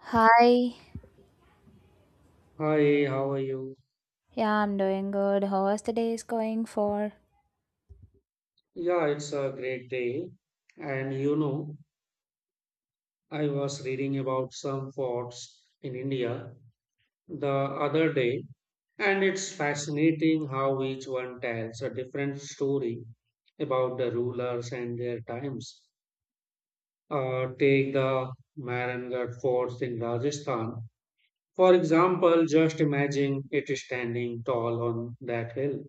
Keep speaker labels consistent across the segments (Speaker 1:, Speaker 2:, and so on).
Speaker 1: Hi,
Speaker 2: Hi, how are you?
Speaker 1: yeah, I'm doing good. How is the day is going for?
Speaker 2: Yeah, it's a great day. And you know, I was reading about some forts in India the other day, and it's fascinating how each one tells a different story about the rulers and their times. Take the Marangarh forts in Rajasthan. For example, just imagine it standing tall on that hill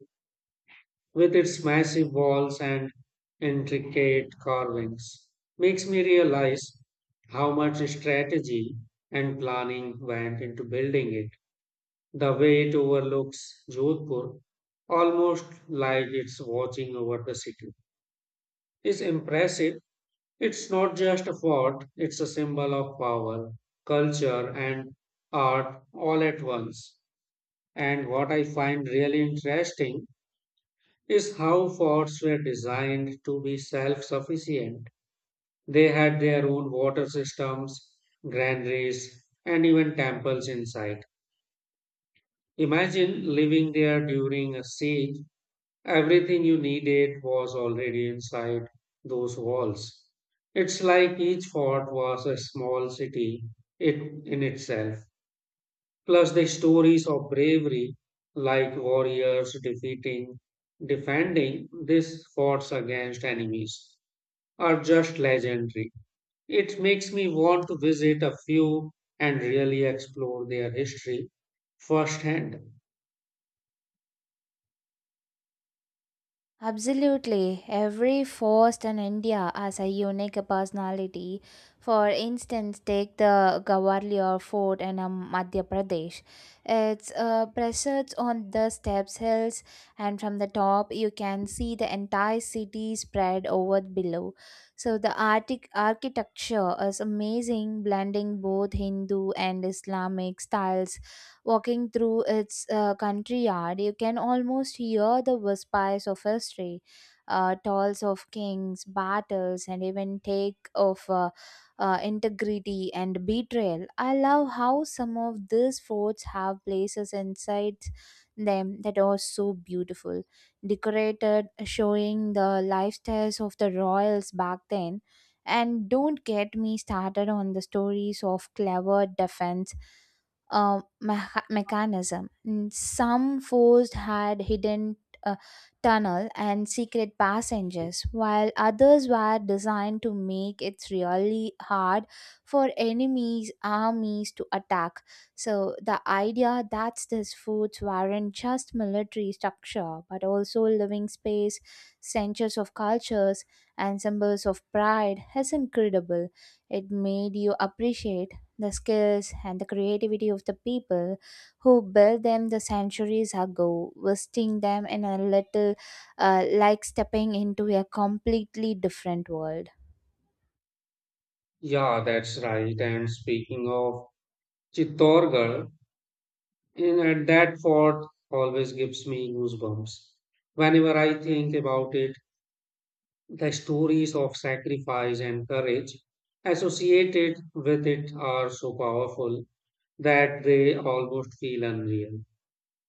Speaker 2: with its massive walls and intricate carvings, makes me realize how much strategy and planning went into building it. The way it overlooks Jodhpur, almost like it's watching over the city, is impressive. It's not just a fort, it's a symbol of power, culture, and art all at once. And what I find really interesting is how forts were designed to be self sufficient. They had their own water systems, granaries, and even temples inside. Imagine living there during a siege. Everything you needed was already inside those walls. It's like each fort was a small city it, in itself. Plus, the stories of bravery, like warriors defending these forts against enemies, are just legendary. It makes me want to visit a few and really explore their history firsthand.
Speaker 1: Absolutely. Every force in India has a unique personality. For instance, take the Gwalior Fort in Madhya Pradesh. It's preserved on the steps hills, and from the top, you can see the entire city spread over below. So, the architecture is amazing, blending both Hindu and Islamic styles. Walking through its country yard, you can almost hear the whispers of history, tolls of kings, battles, and even take of integrity and betrayal. I love how some of these forts have places inside them that are so beautiful, decorated, showing the lifestyles of the royals back then. And don't get me started on the stories of clever defense mechanism. And some forced had hidden uh, tunnel and secret passages, while others were designed to make it really hard for enemies' armies to attack. So the idea that these forts weren't just military structure, but also living space, centers of cultures, and symbols of pride is incredible. It made you appreciate the skills and the creativity of the people who built them the centuries ago, visiting them in a little like stepping into a completely different world.
Speaker 2: Yeah, that's right. And speaking of Chittorgarh, in at that fort always gives me goosebumps whenever I think about it. The stories of sacrifice and courage associated with it are so powerful that they almost feel unreal.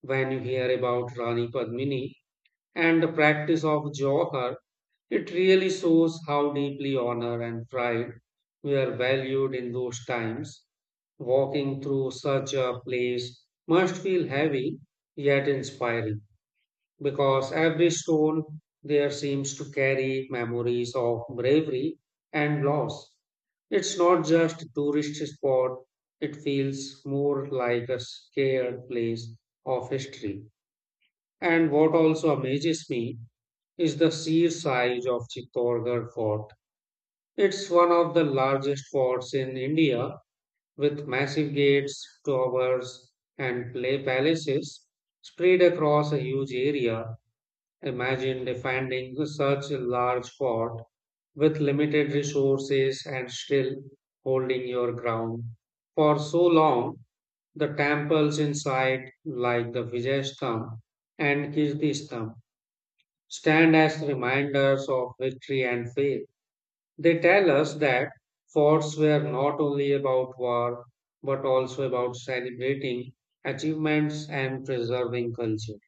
Speaker 2: When you hear about Rani Padmini and the practice of Johar, it really shows how deeply honor and pride were valued in those times. Walking through such a place must feel heavy yet inspiring because every stone there seems to carry memories of bravery and loss. It's not just a tourist spot, it feels more like a scared place of history. And what also amazes me is the sheer size of Chittorgarh Fort. It's one of the largest forts in India with massive gates, towers, and play palaces spread across a huge area. Imagine defending such a large fort with limited resources and still holding your ground. For so long, the temples inside, like the Vijayastham and Kirtistham, stand as reminders of victory and faith. They tell us that forts were not only about war, but also about celebrating achievements and preserving culture.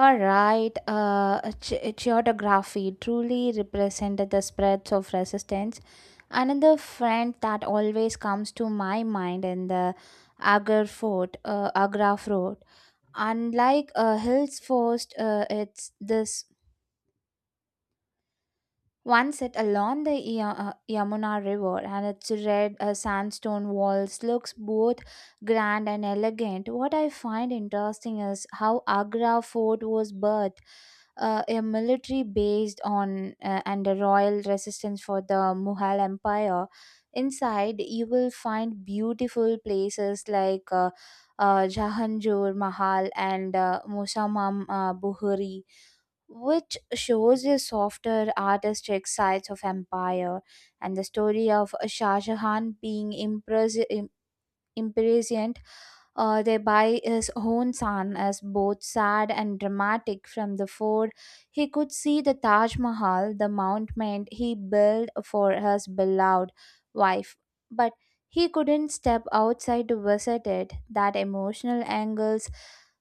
Speaker 1: All right, geography truly represented the spreads of resistance. Another friend that always comes to my mind in the Agar Fort, Agra Fort. Unlike Hills Fort, it's this one set along the Yamuna River, and its red sandstone walls looks both grand and elegant. What I find interesting is how Agra fort was birthed, a military based on and a royal resistance for the Mughal Empire. Inside, you will find beautiful places like Jahanjur Mahal and Musamam Buhuri, which shows the softer artistic sides of empire, and the story of Shah Jahan being impressed impatient, thereby his own son as both sad and dramatic from the fort. He could see the Taj Mahal, the monument he built for his beloved wife, but he couldn't step outside to visit it. That emotional angles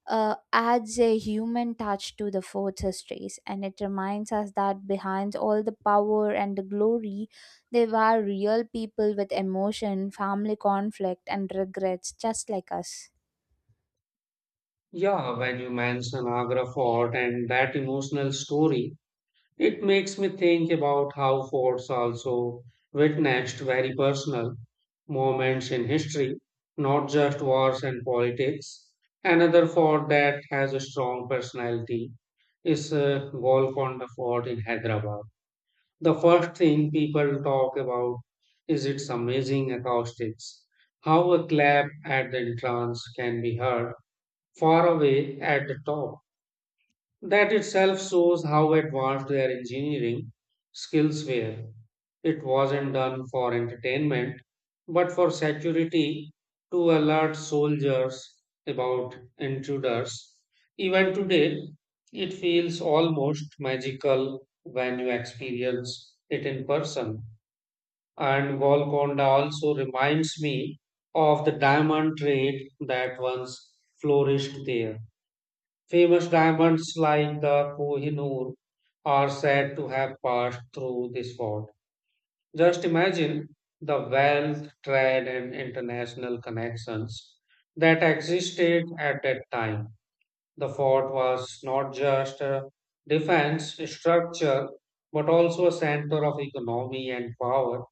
Speaker 1: adds a human touch to the fort's histories, and it reminds us that behind all the power and the glory they were real people with emotion, family conflict, and regrets, just like us.
Speaker 2: Yeah, when you mention Agra Fort and that emotional story, it makes me think about how forts also witnessed very personal moments in history, not just wars and politics. Another fort that has a strong personality is Golconda Fort in Hyderabad. The first thing people talk about is its amazing acoustics, how a clap at the entrance can be heard far away at the top. That itself shows how advanced their engineering skills were. It wasn't done for entertainment, but for security to alert soldiers about intruders. Even today, it feels almost magical when you experience it in person. And Golconda also reminds me of the diamond trade that once flourished there. Famous diamonds like the Kohinoor are said to have passed through this fort. Just imagine the wealth, trade, and international connections that existed at that time. The fort was not just a defense structure, but also a center of economy and power,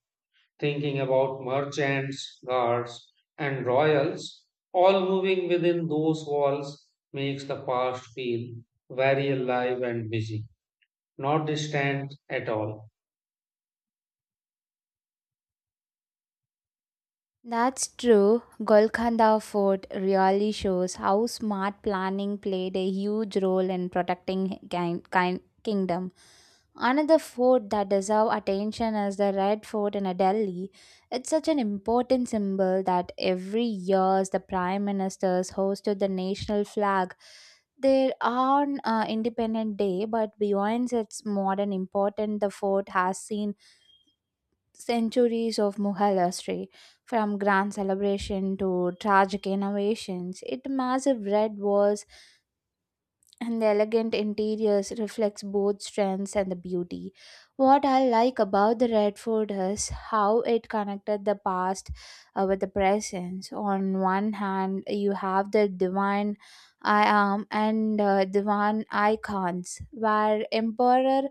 Speaker 2: thinking about merchants, guards, and royals, all moving within those walls makes the past feel very alive and busy, not distant at all.
Speaker 1: That's true. Golconda Fort really shows how smart planning played a huge role in protecting king- king- kingdom. Another fort that deserves attention is the Red Fort in Delhi. It's such an important symbol that every year the prime ministers hoisted the national flag there on Independence Day, but beyond its modern importance, the fort has seen centuries of Mughal history, from grand celebration to tragic innovations. Its massive red walls and the elegant interiors reflects both strengths and the beauty. What I like about the Redford is how it connected the past with the present. On one hand, you have the divine I am and divine icons, where emperor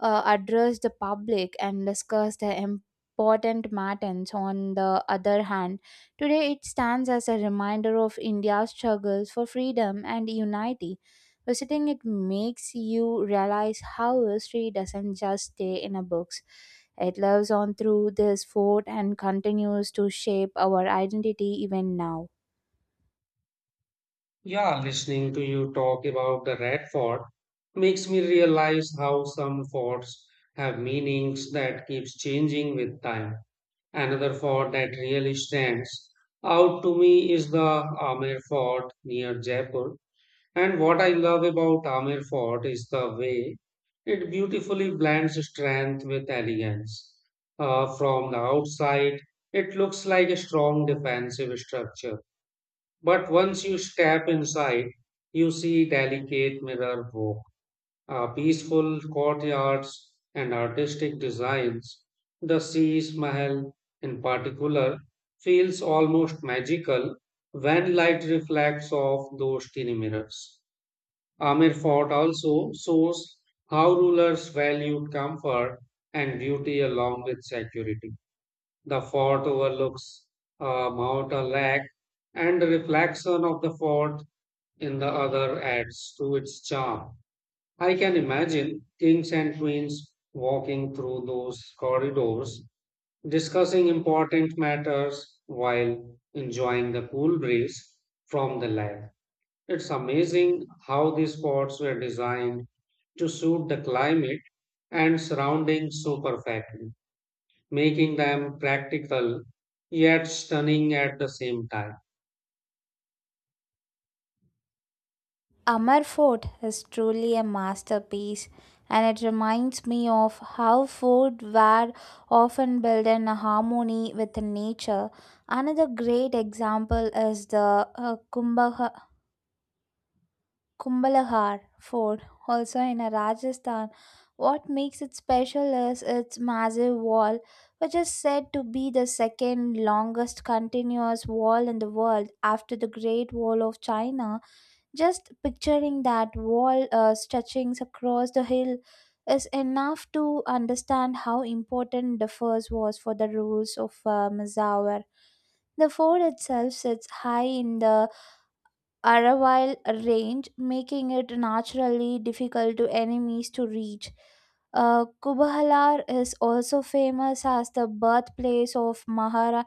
Speaker 1: address the public and discussed the important matters. On the other hand, today it stands as a reminder of India's struggles for freedom and unity. Visiting it makes you realize how history doesn't just stay in a books. It lives on through this fort and continues to shape our identity even now.
Speaker 2: Yeah, listening to you talk about the Red Fort makes me realize how some forts have meanings that keeps changing with time. Another fort that really stands out to me is the Amer Fort near Jaipur. And what I love about Amer Fort is the way it beautifully blends strength with elegance. From the outside, it looks like a strong defensive structure. But once you step inside, you see delicate mirror work, peaceful courtyards, and artistic designs. The Sis Mahal, in particular, feels almost magical when light reflects off those tiny mirrors. Amir Fort also shows how rulers valued comfort and beauty along with security. The fort overlooks Mount Alak, and the reflection of the fort in the other adds to its charm. I can imagine kings and queens walking through those corridors, discussing important matters while enjoying the cool breeze from the lake. It's amazing how these spots were designed to suit the climate and surroundings so perfectly, making them practical yet stunning at the same time.
Speaker 1: Amar Fort is truly a masterpiece, and it reminds me of how fort were often built in harmony with nature. Another great example is the Kumbhalahar Fort, also in Rajasthan. What makes it special is its massive wall, which is said to be the second longest continuous wall in the world after the Great Wall of China. Just picturing that wall stretching across the hill is enough to understand how important the first was for the rules of Mazawar. The fort itself sits high in the Aravale range, making it naturally difficult to enemies to reach. Kubahalar is also famous as the birthplace of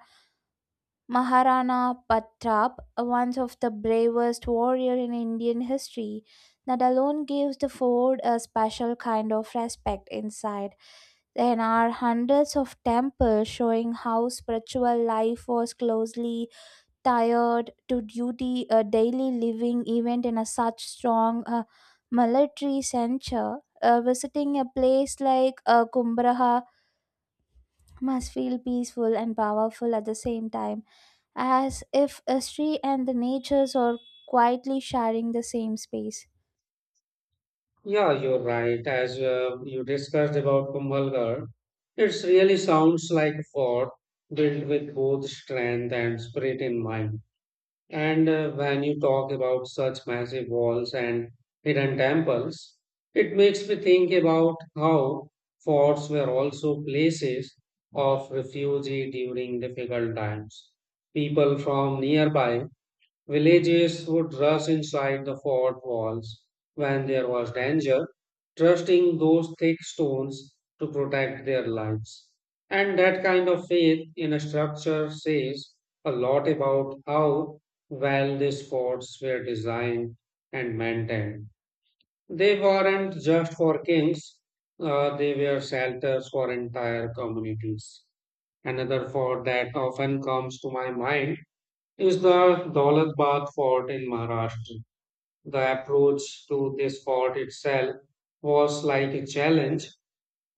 Speaker 1: Maharana Pratap, one of the bravest warrior in Indian history. That alone gives the fort a special kind of respect inside. There are hundreds of temples showing how spiritual life was closely tied to duty, a daily living event in a such strong military censure, visiting a place like Kumbraha must feel peaceful and powerful at the same time, as if history and the natures are quietly sharing the same space.
Speaker 2: Yeah, you're right. As you discussed about Kumbhalgarh, it really sounds like a fort built with both strength and spirit in mind. And when you talk about such massive walls and hidden temples, it makes me think about how forts were also places of refuge during difficult times. People from nearby Villages would rush inside the fort walls when there was danger, trusting those thick stones to protect their lives. And that kind of faith in a structure says a lot about how well these forts were designed and maintained. They weren't just for kings, they were shelters for entire communities. Another fort that often comes to my mind is the Daulat Bagh fort in Maharashtra. The approach to this fort itself was like a challenge,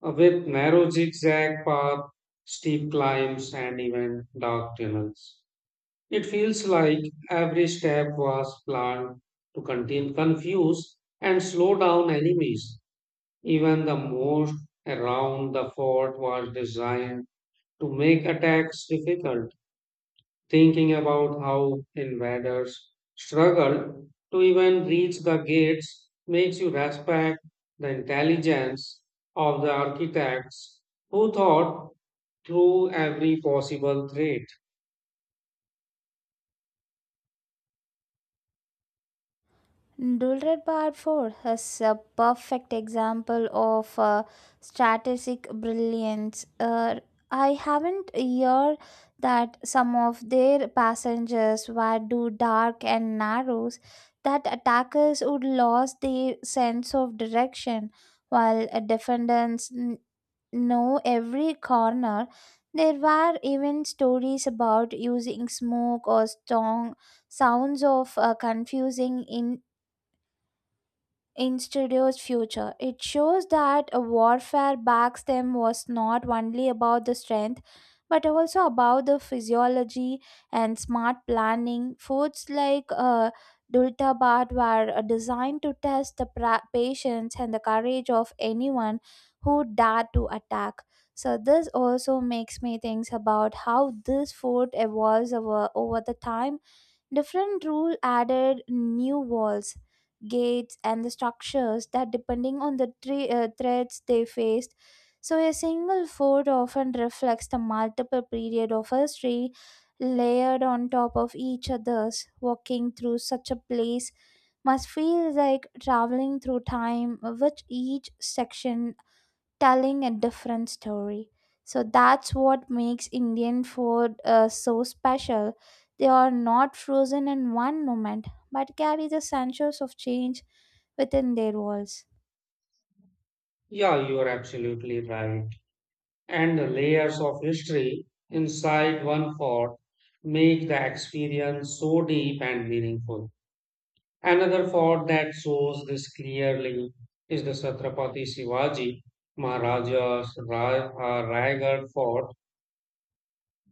Speaker 2: with narrow zigzag path, steep climbs, and even dark tunnels. It feels like every step was planned to contain, confuse, and slow down enemies. Even the moat around the fort was designed to make attacks difficult, thinking about how invaders struggled to even reach the gates makes you respect the intelligence of the architects who thought through every possible threat.
Speaker 1: Dulred Barford is a perfect example of strategic brilliance. I haven't heard that some of their passengers were too dark and narrows that attackers would lose their sense of direction while defenders know every corner. There were even stories about using smoke or strong sounds of confusing in studio's future. It shows that a warfare backs them was not only about the strength, but also about the physiology and smart planning. Foods like Dultabat were designed to test the patience and the courage of anyone who dared to attack. So this also makes me think about how this food evolves over the time. Different rule added new walls, gates, and the structures that, depending on the threats they faced, so a single fort often reflects the multiple period of history layered on top of each others. Walking through such a place must feel like traveling through time, which each section telling a different story. So that's what makes Indian food so special. They are not frozen in one moment, but carry the centuries of change within their walls.
Speaker 2: Yeah, you are absolutely right. And the layers of history inside one fort make the experience so deep and meaningful. Another fort that shows this clearly is the Chhatrapati Shivaji Maharaja's Raigad Fort.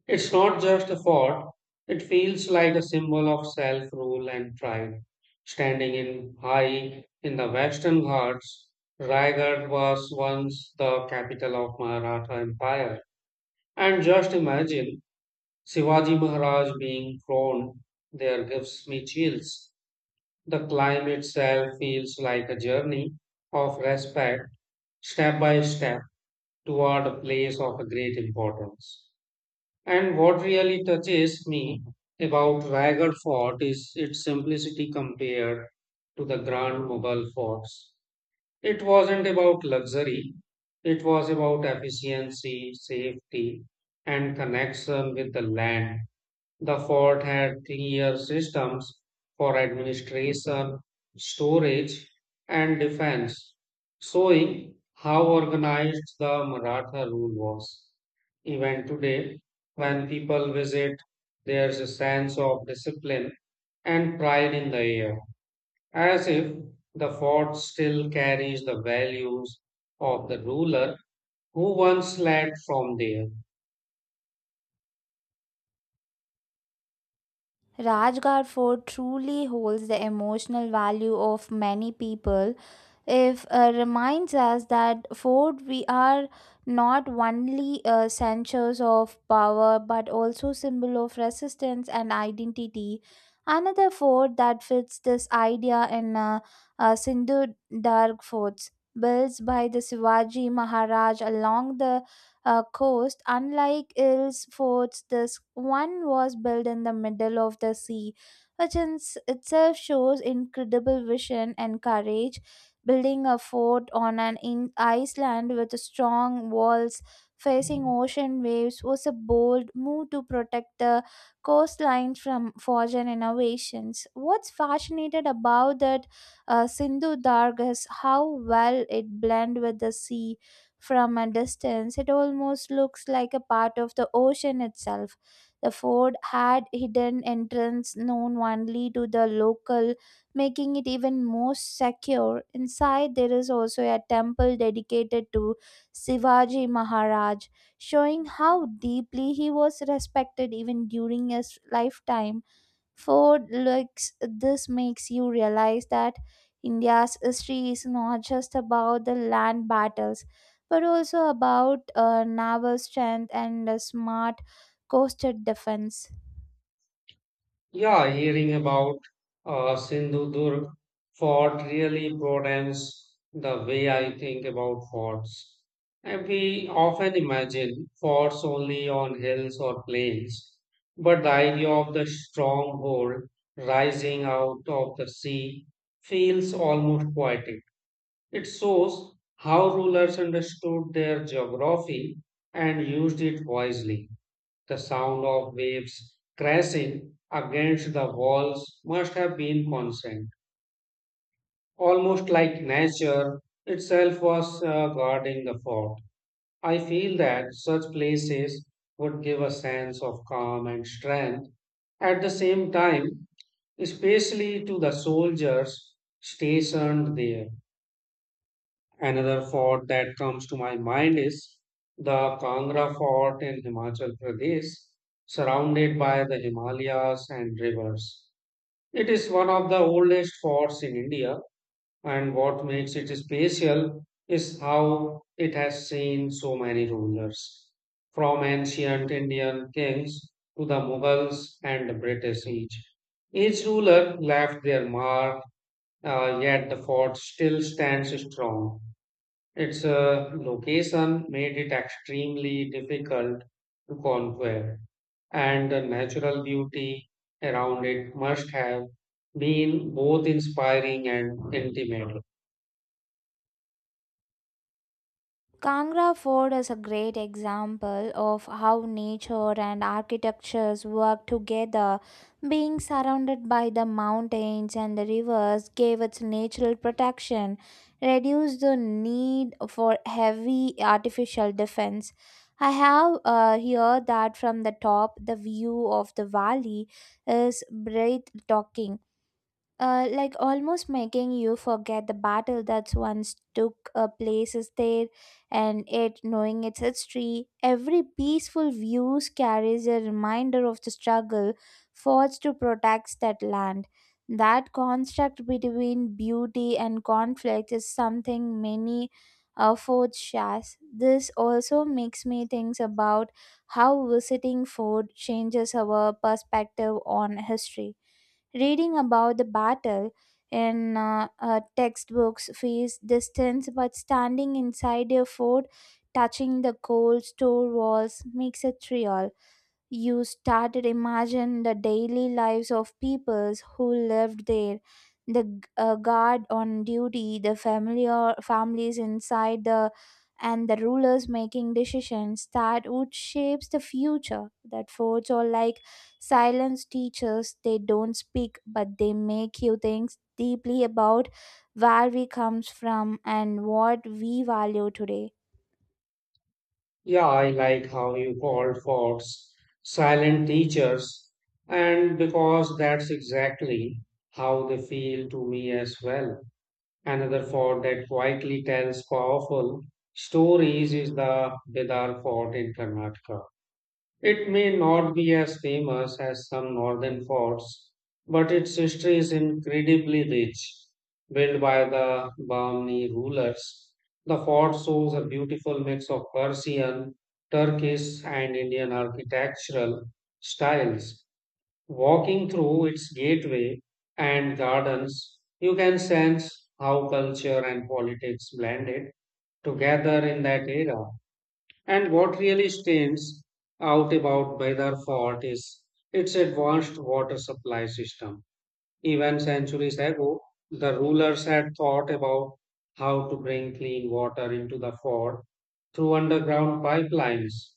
Speaker 2: It's not just a fort, it feels like a symbol of self rule and pride. Standing in high in the Western Ghats, Raigad was once the capital of Maratha Empire. And just imagine Shivaji Maharaj being thrown there gives me chills. The climb itself feels like a journey of respect, step by step, toward a place of great importance. And what really touches me about Raigad Fort is its simplicity compared to the grand Mughal forts. It wasn't about luxury, it was about efficiency, safety, and connection with the land. The fort had clear systems for administration, storage, and defense, showing how organized the Maratha rule was. Even today, when people visit, there's a sense of discipline and pride in the air, as if the fort still carries the values of the ruler who once led from there.
Speaker 1: Rajgarh Fort truly holds the emotional value of many people. It reminds us that fort we are not only centers of power but also symbol of resistance and identity. Another fort that fits this idea in Sindhu Darg forts, built by the Shivaji Maharaj along the coast. Unlike Ill's forts, this one was built in the middle of the sea, which itself shows incredible vision and courage. Building a fort on an island with strong walls facing ocean waves was a bold move to protect the coastline from foreign innovations. What's fascinated about that Sindhu Darg is how well it blend with the sea. From a distance, it almost looks like a part of the ocean itself. The fort had hidden entrance known only to the local, making it even more secure. Inside, there is also a temple dedicated to Shivaji Maharaj, showing how deeply he was respected even during his lifetime. Ford looks this makes you realize that India's history is not just about the land battles but also about naval strength and a smart coastal defense.
Speaker 2: Yeah, hearing about Sindhudurg fort really broadens the way I think about forts. And we often imagine forts only on hills or plains, but the idea of the stronghold rising out of the sea feels almost poetic. It shows how rulers understood their geography and used it wisely. The sound of waves crashing against the walls must have been constant, almost like nature itself was guarding the fort. I feel that such places would give a sense of calm and strength. At the same time, especially to the soldiers stationed there. Another fort that comes to my mind is the Kangra Fort in Himachal Pradesh, surrounded by the Himalayas and rivers. It is one of the oldest forts in India, and what makes it special is how it has seen so many rulers, from ancient Indian kings to the Mughals and the British each. Each ruler left their mark, yet the fort still stands strong. Its location made it extremely difficult to conquer, and the natural beauty around it must have been both inspiring and intimate.
Speaker 1: Kangra Fort is a great example of how nature and architectures work together. Being surrounded by the mountains and the rivers gave its natural protection, reduced the need for heavy artificial defense. I have heard that from the top, the view of the valley is breathtaking, like almost making you forget the battle that once took places there. And it knowing its history every peaceful views carries a reminder of the struggle fought to protect that land. That construct between beauty and conflict is something many forts shares. This also makes me think about how visiting fort changes our perspective on history. Reading about the battle in textbooks feels distance, but standing inside your fort, touching the cold store walls, makes it real. You started imagine the daily lives of peoples who lived there, the guard on duty, the family or families inside, the and the rulers making decisions that would shapes the future. That forts are like silence teachers. They don't speak but they make you think deeply about where we comes from and what we value today.
Speaker 2: Yeah, I like how you called forts silent teachers, and because that's exactly how they feel to me as well. Another fort that quietly tells powerful stories is the Bidar Fort in Karnataka. It may not be as famous as some northern forts, but its history is incredibly rich. Built by the Bahmani rulers, the fort shows a beautiful mix of Persian, Turkish, and Indian architectural styles. Walking through its gateway and gardens, you can sense how culture and politics blended together in that era. And what really stands out about Baydar Fort is its advanced water supply system. Even centuries ago, the rulers had thought about how to bring clean water into the fort through underground pipelines.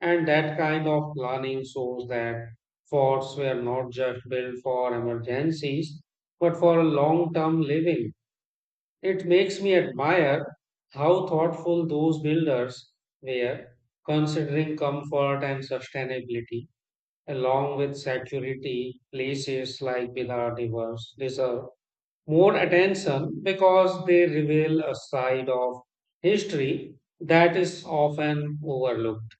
Speaker 2: And that kind of planning shows that forts were not just built for emergencies, but for long term living. It makes me admire how thoughtful those builders were, considering comfort and sustainability, along with security. Places like Bihar Divas deserve more attention because they reveal a side of history that is often overlooked.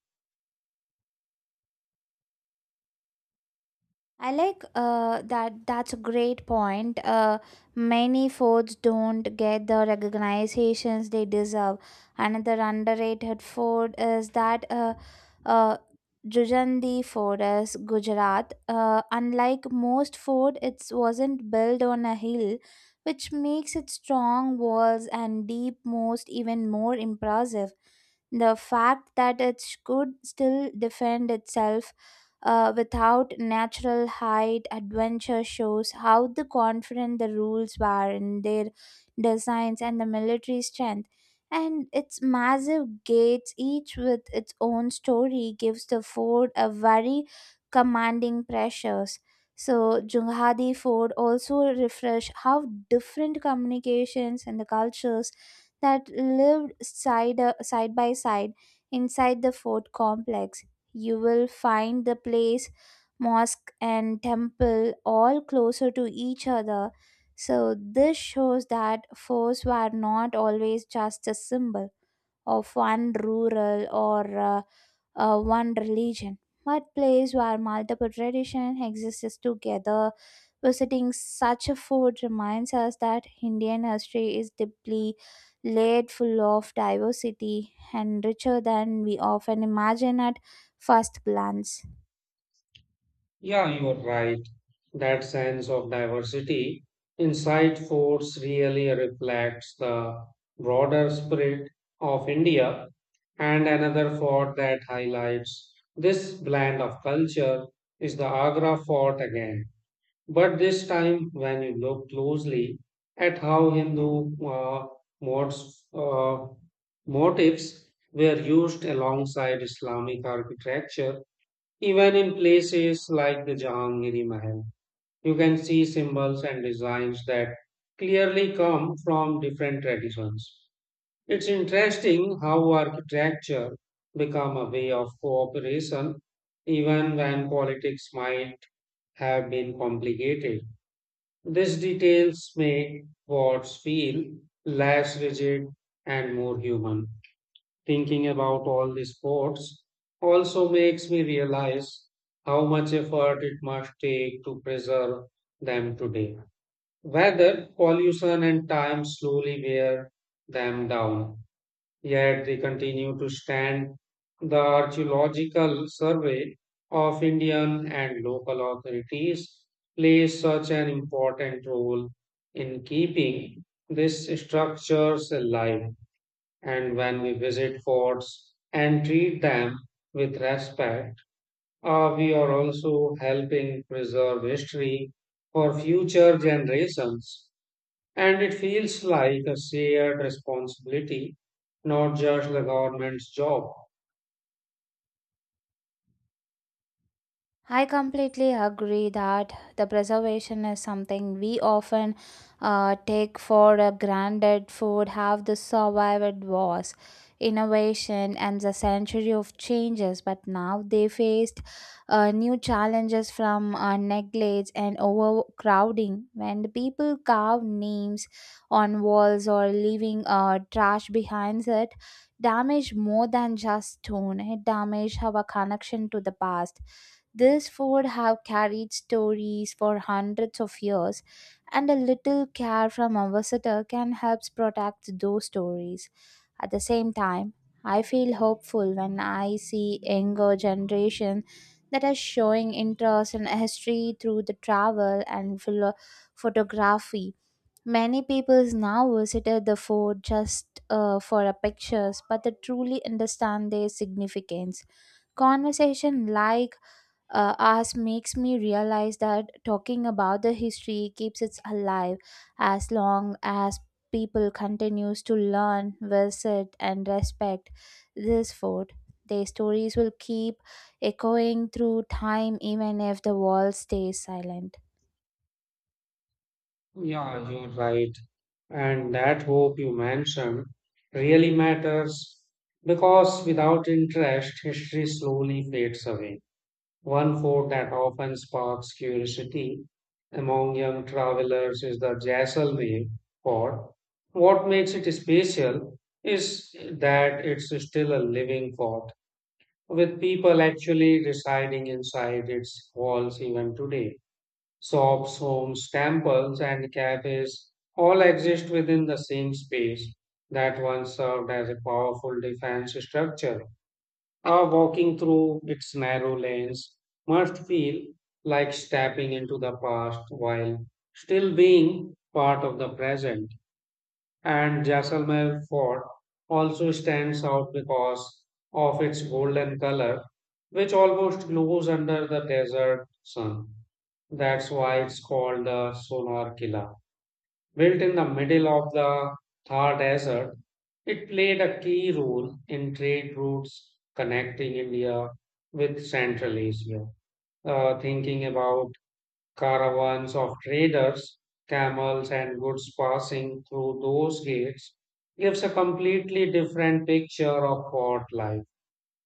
Speaker 1: I like that. That's a great point. Many foods don't get the recognitions they deserve. Another underrated food is that uh, Jujandi food is Gujarat. Unlike most food, it wasn't built on a hill, which makes its strong walls and deep most even more impressive. The fact that it could still defend itself without natural height adventure shows how the confident the rules were in their designs and the military strength, and its massive gates each with its own story gives the fort a very commanding pressures. So Junghadi Fort also refresh how different communications and the cultures that lived side by side inside the fort complex. You will find the place, mosque, and temple all closer to each other. So, this shows that forts were not always just a symbol of one rural or one religion, but place where multiple traditions exist together. Visiting such a food reminds us that Indian history is deeply laid full of diversity and richer than we often imagine at first glance.
Speaker 2: Yeah, you are right. That sense of diversity inside force really reflects the broader spirit of India, and another fort that highlights this blend of culture is the Agra fort again. But this time, when you look closely at how Hindu modes, uh, motifs were used alongside Islamic architecture, even in places like the Jahangiri Mahal, you can see symbols and designs that clearly come from different traditions. It's interesting how architecture become a way of cooperation even when politics might have been complicated. These details make wars feel less rigid and more human, thinking about all the sports also makes me realize how much effort it must take to preserve them today. Whether pollution and time slowly wear them down, yet they continue to stand. The archaeological survey of Indian and local authorities plays such an important role in keeping these structures alive, and when we visit forts and treat them with respect, we are also helping preserve history for future generations. And it feels like a shared responsibility, not just the government's job.
Speaker 1: I completely agree that the preservation is something we often take for granted. Food have the survived wars, innovation, and the century of changes, but now they faced new challenges from neglect and overcrowding. When the people carve names on walls or leaving trash behind it, damage more than just stone. It damage our connection to the past. This food have carried stories for hundreds of years, and a little care from a visitor can help protect those stories. At the same time, I feel hopeful when I see younger generation that are showing interest in history through the travel and photography. Many people now visited the fort just for a pictures, but they truly understand their significance. Conversation like as makes me realize that talking about the history keeps it alive. As long as people continues to learn visit and respect this fort, their stories will keep echoing through time even if the world stays silent.
Speaker 2: Yeah, you're right. And that hope you mentioned really matters because without interest, history slowly fades away. One fort that often sparks curiosity among young travelers is the Jaisalmer fort. What makes it special is that it's still a living fort, with people actually residing inside its walls even today. Shops, homes, temples, and cafes all exist within the same space that once served as a powerful defense structure. Walking through its narrow lanes must feel like stepping into the past while still being part of the present. And Jaisalmer Fort also stands out because of its golden color, which almost glows under the desert sun. That's why it's called the Sonar Killa. Built in the middle of the Thar Desert, it played a key role in trade routes connecting India with Central Asia. Thinking about caravans of traders, camels, and goods passing through those gates gives a completely different picture of port life.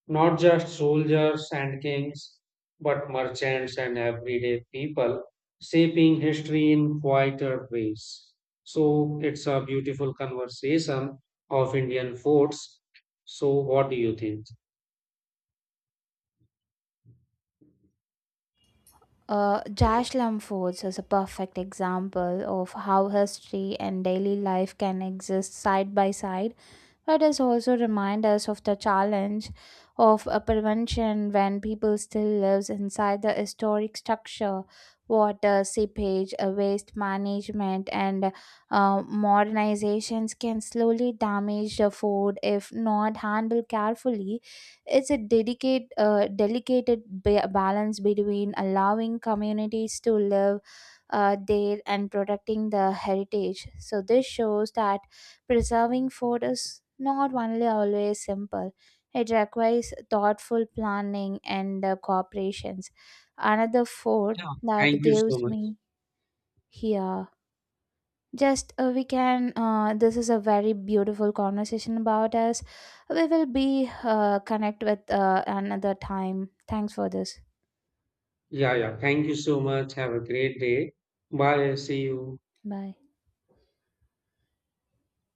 Speaker 2: Not just soldiers and kings, but merchants and everyday people, shaping history in quieter ways. So it's a beautiful conversation of Indian forts. So what do you think?
Speaker 1: Josh Lamfords is a perfect example of how history and daily life can exist side by side. It is also remind us of the challenge of a prevention when people still lives inside the historic structure, water, seepage, waste management, and modernizations can slowly damage the food if not handled carefully. It's a delicate balance between allowing communities to live there and protecting the heritage. So this shows that preserving food is not only always simple, it requires thoughtful planning and cooperations. Another food
Speaker 2: Yeah. Thank
Speaker 1: that
Speaker 2: you so
Speaker 1: gives
Speaker 2: much.
Speaker 1: me here. Just we can, this is a very beautiful conversation about us. We will be connect with another time. Thanks for this.
Speaker 2: Yeah, yeah, thank you so much. Have a great day. Bye. See you.
Speaker 1: Bye.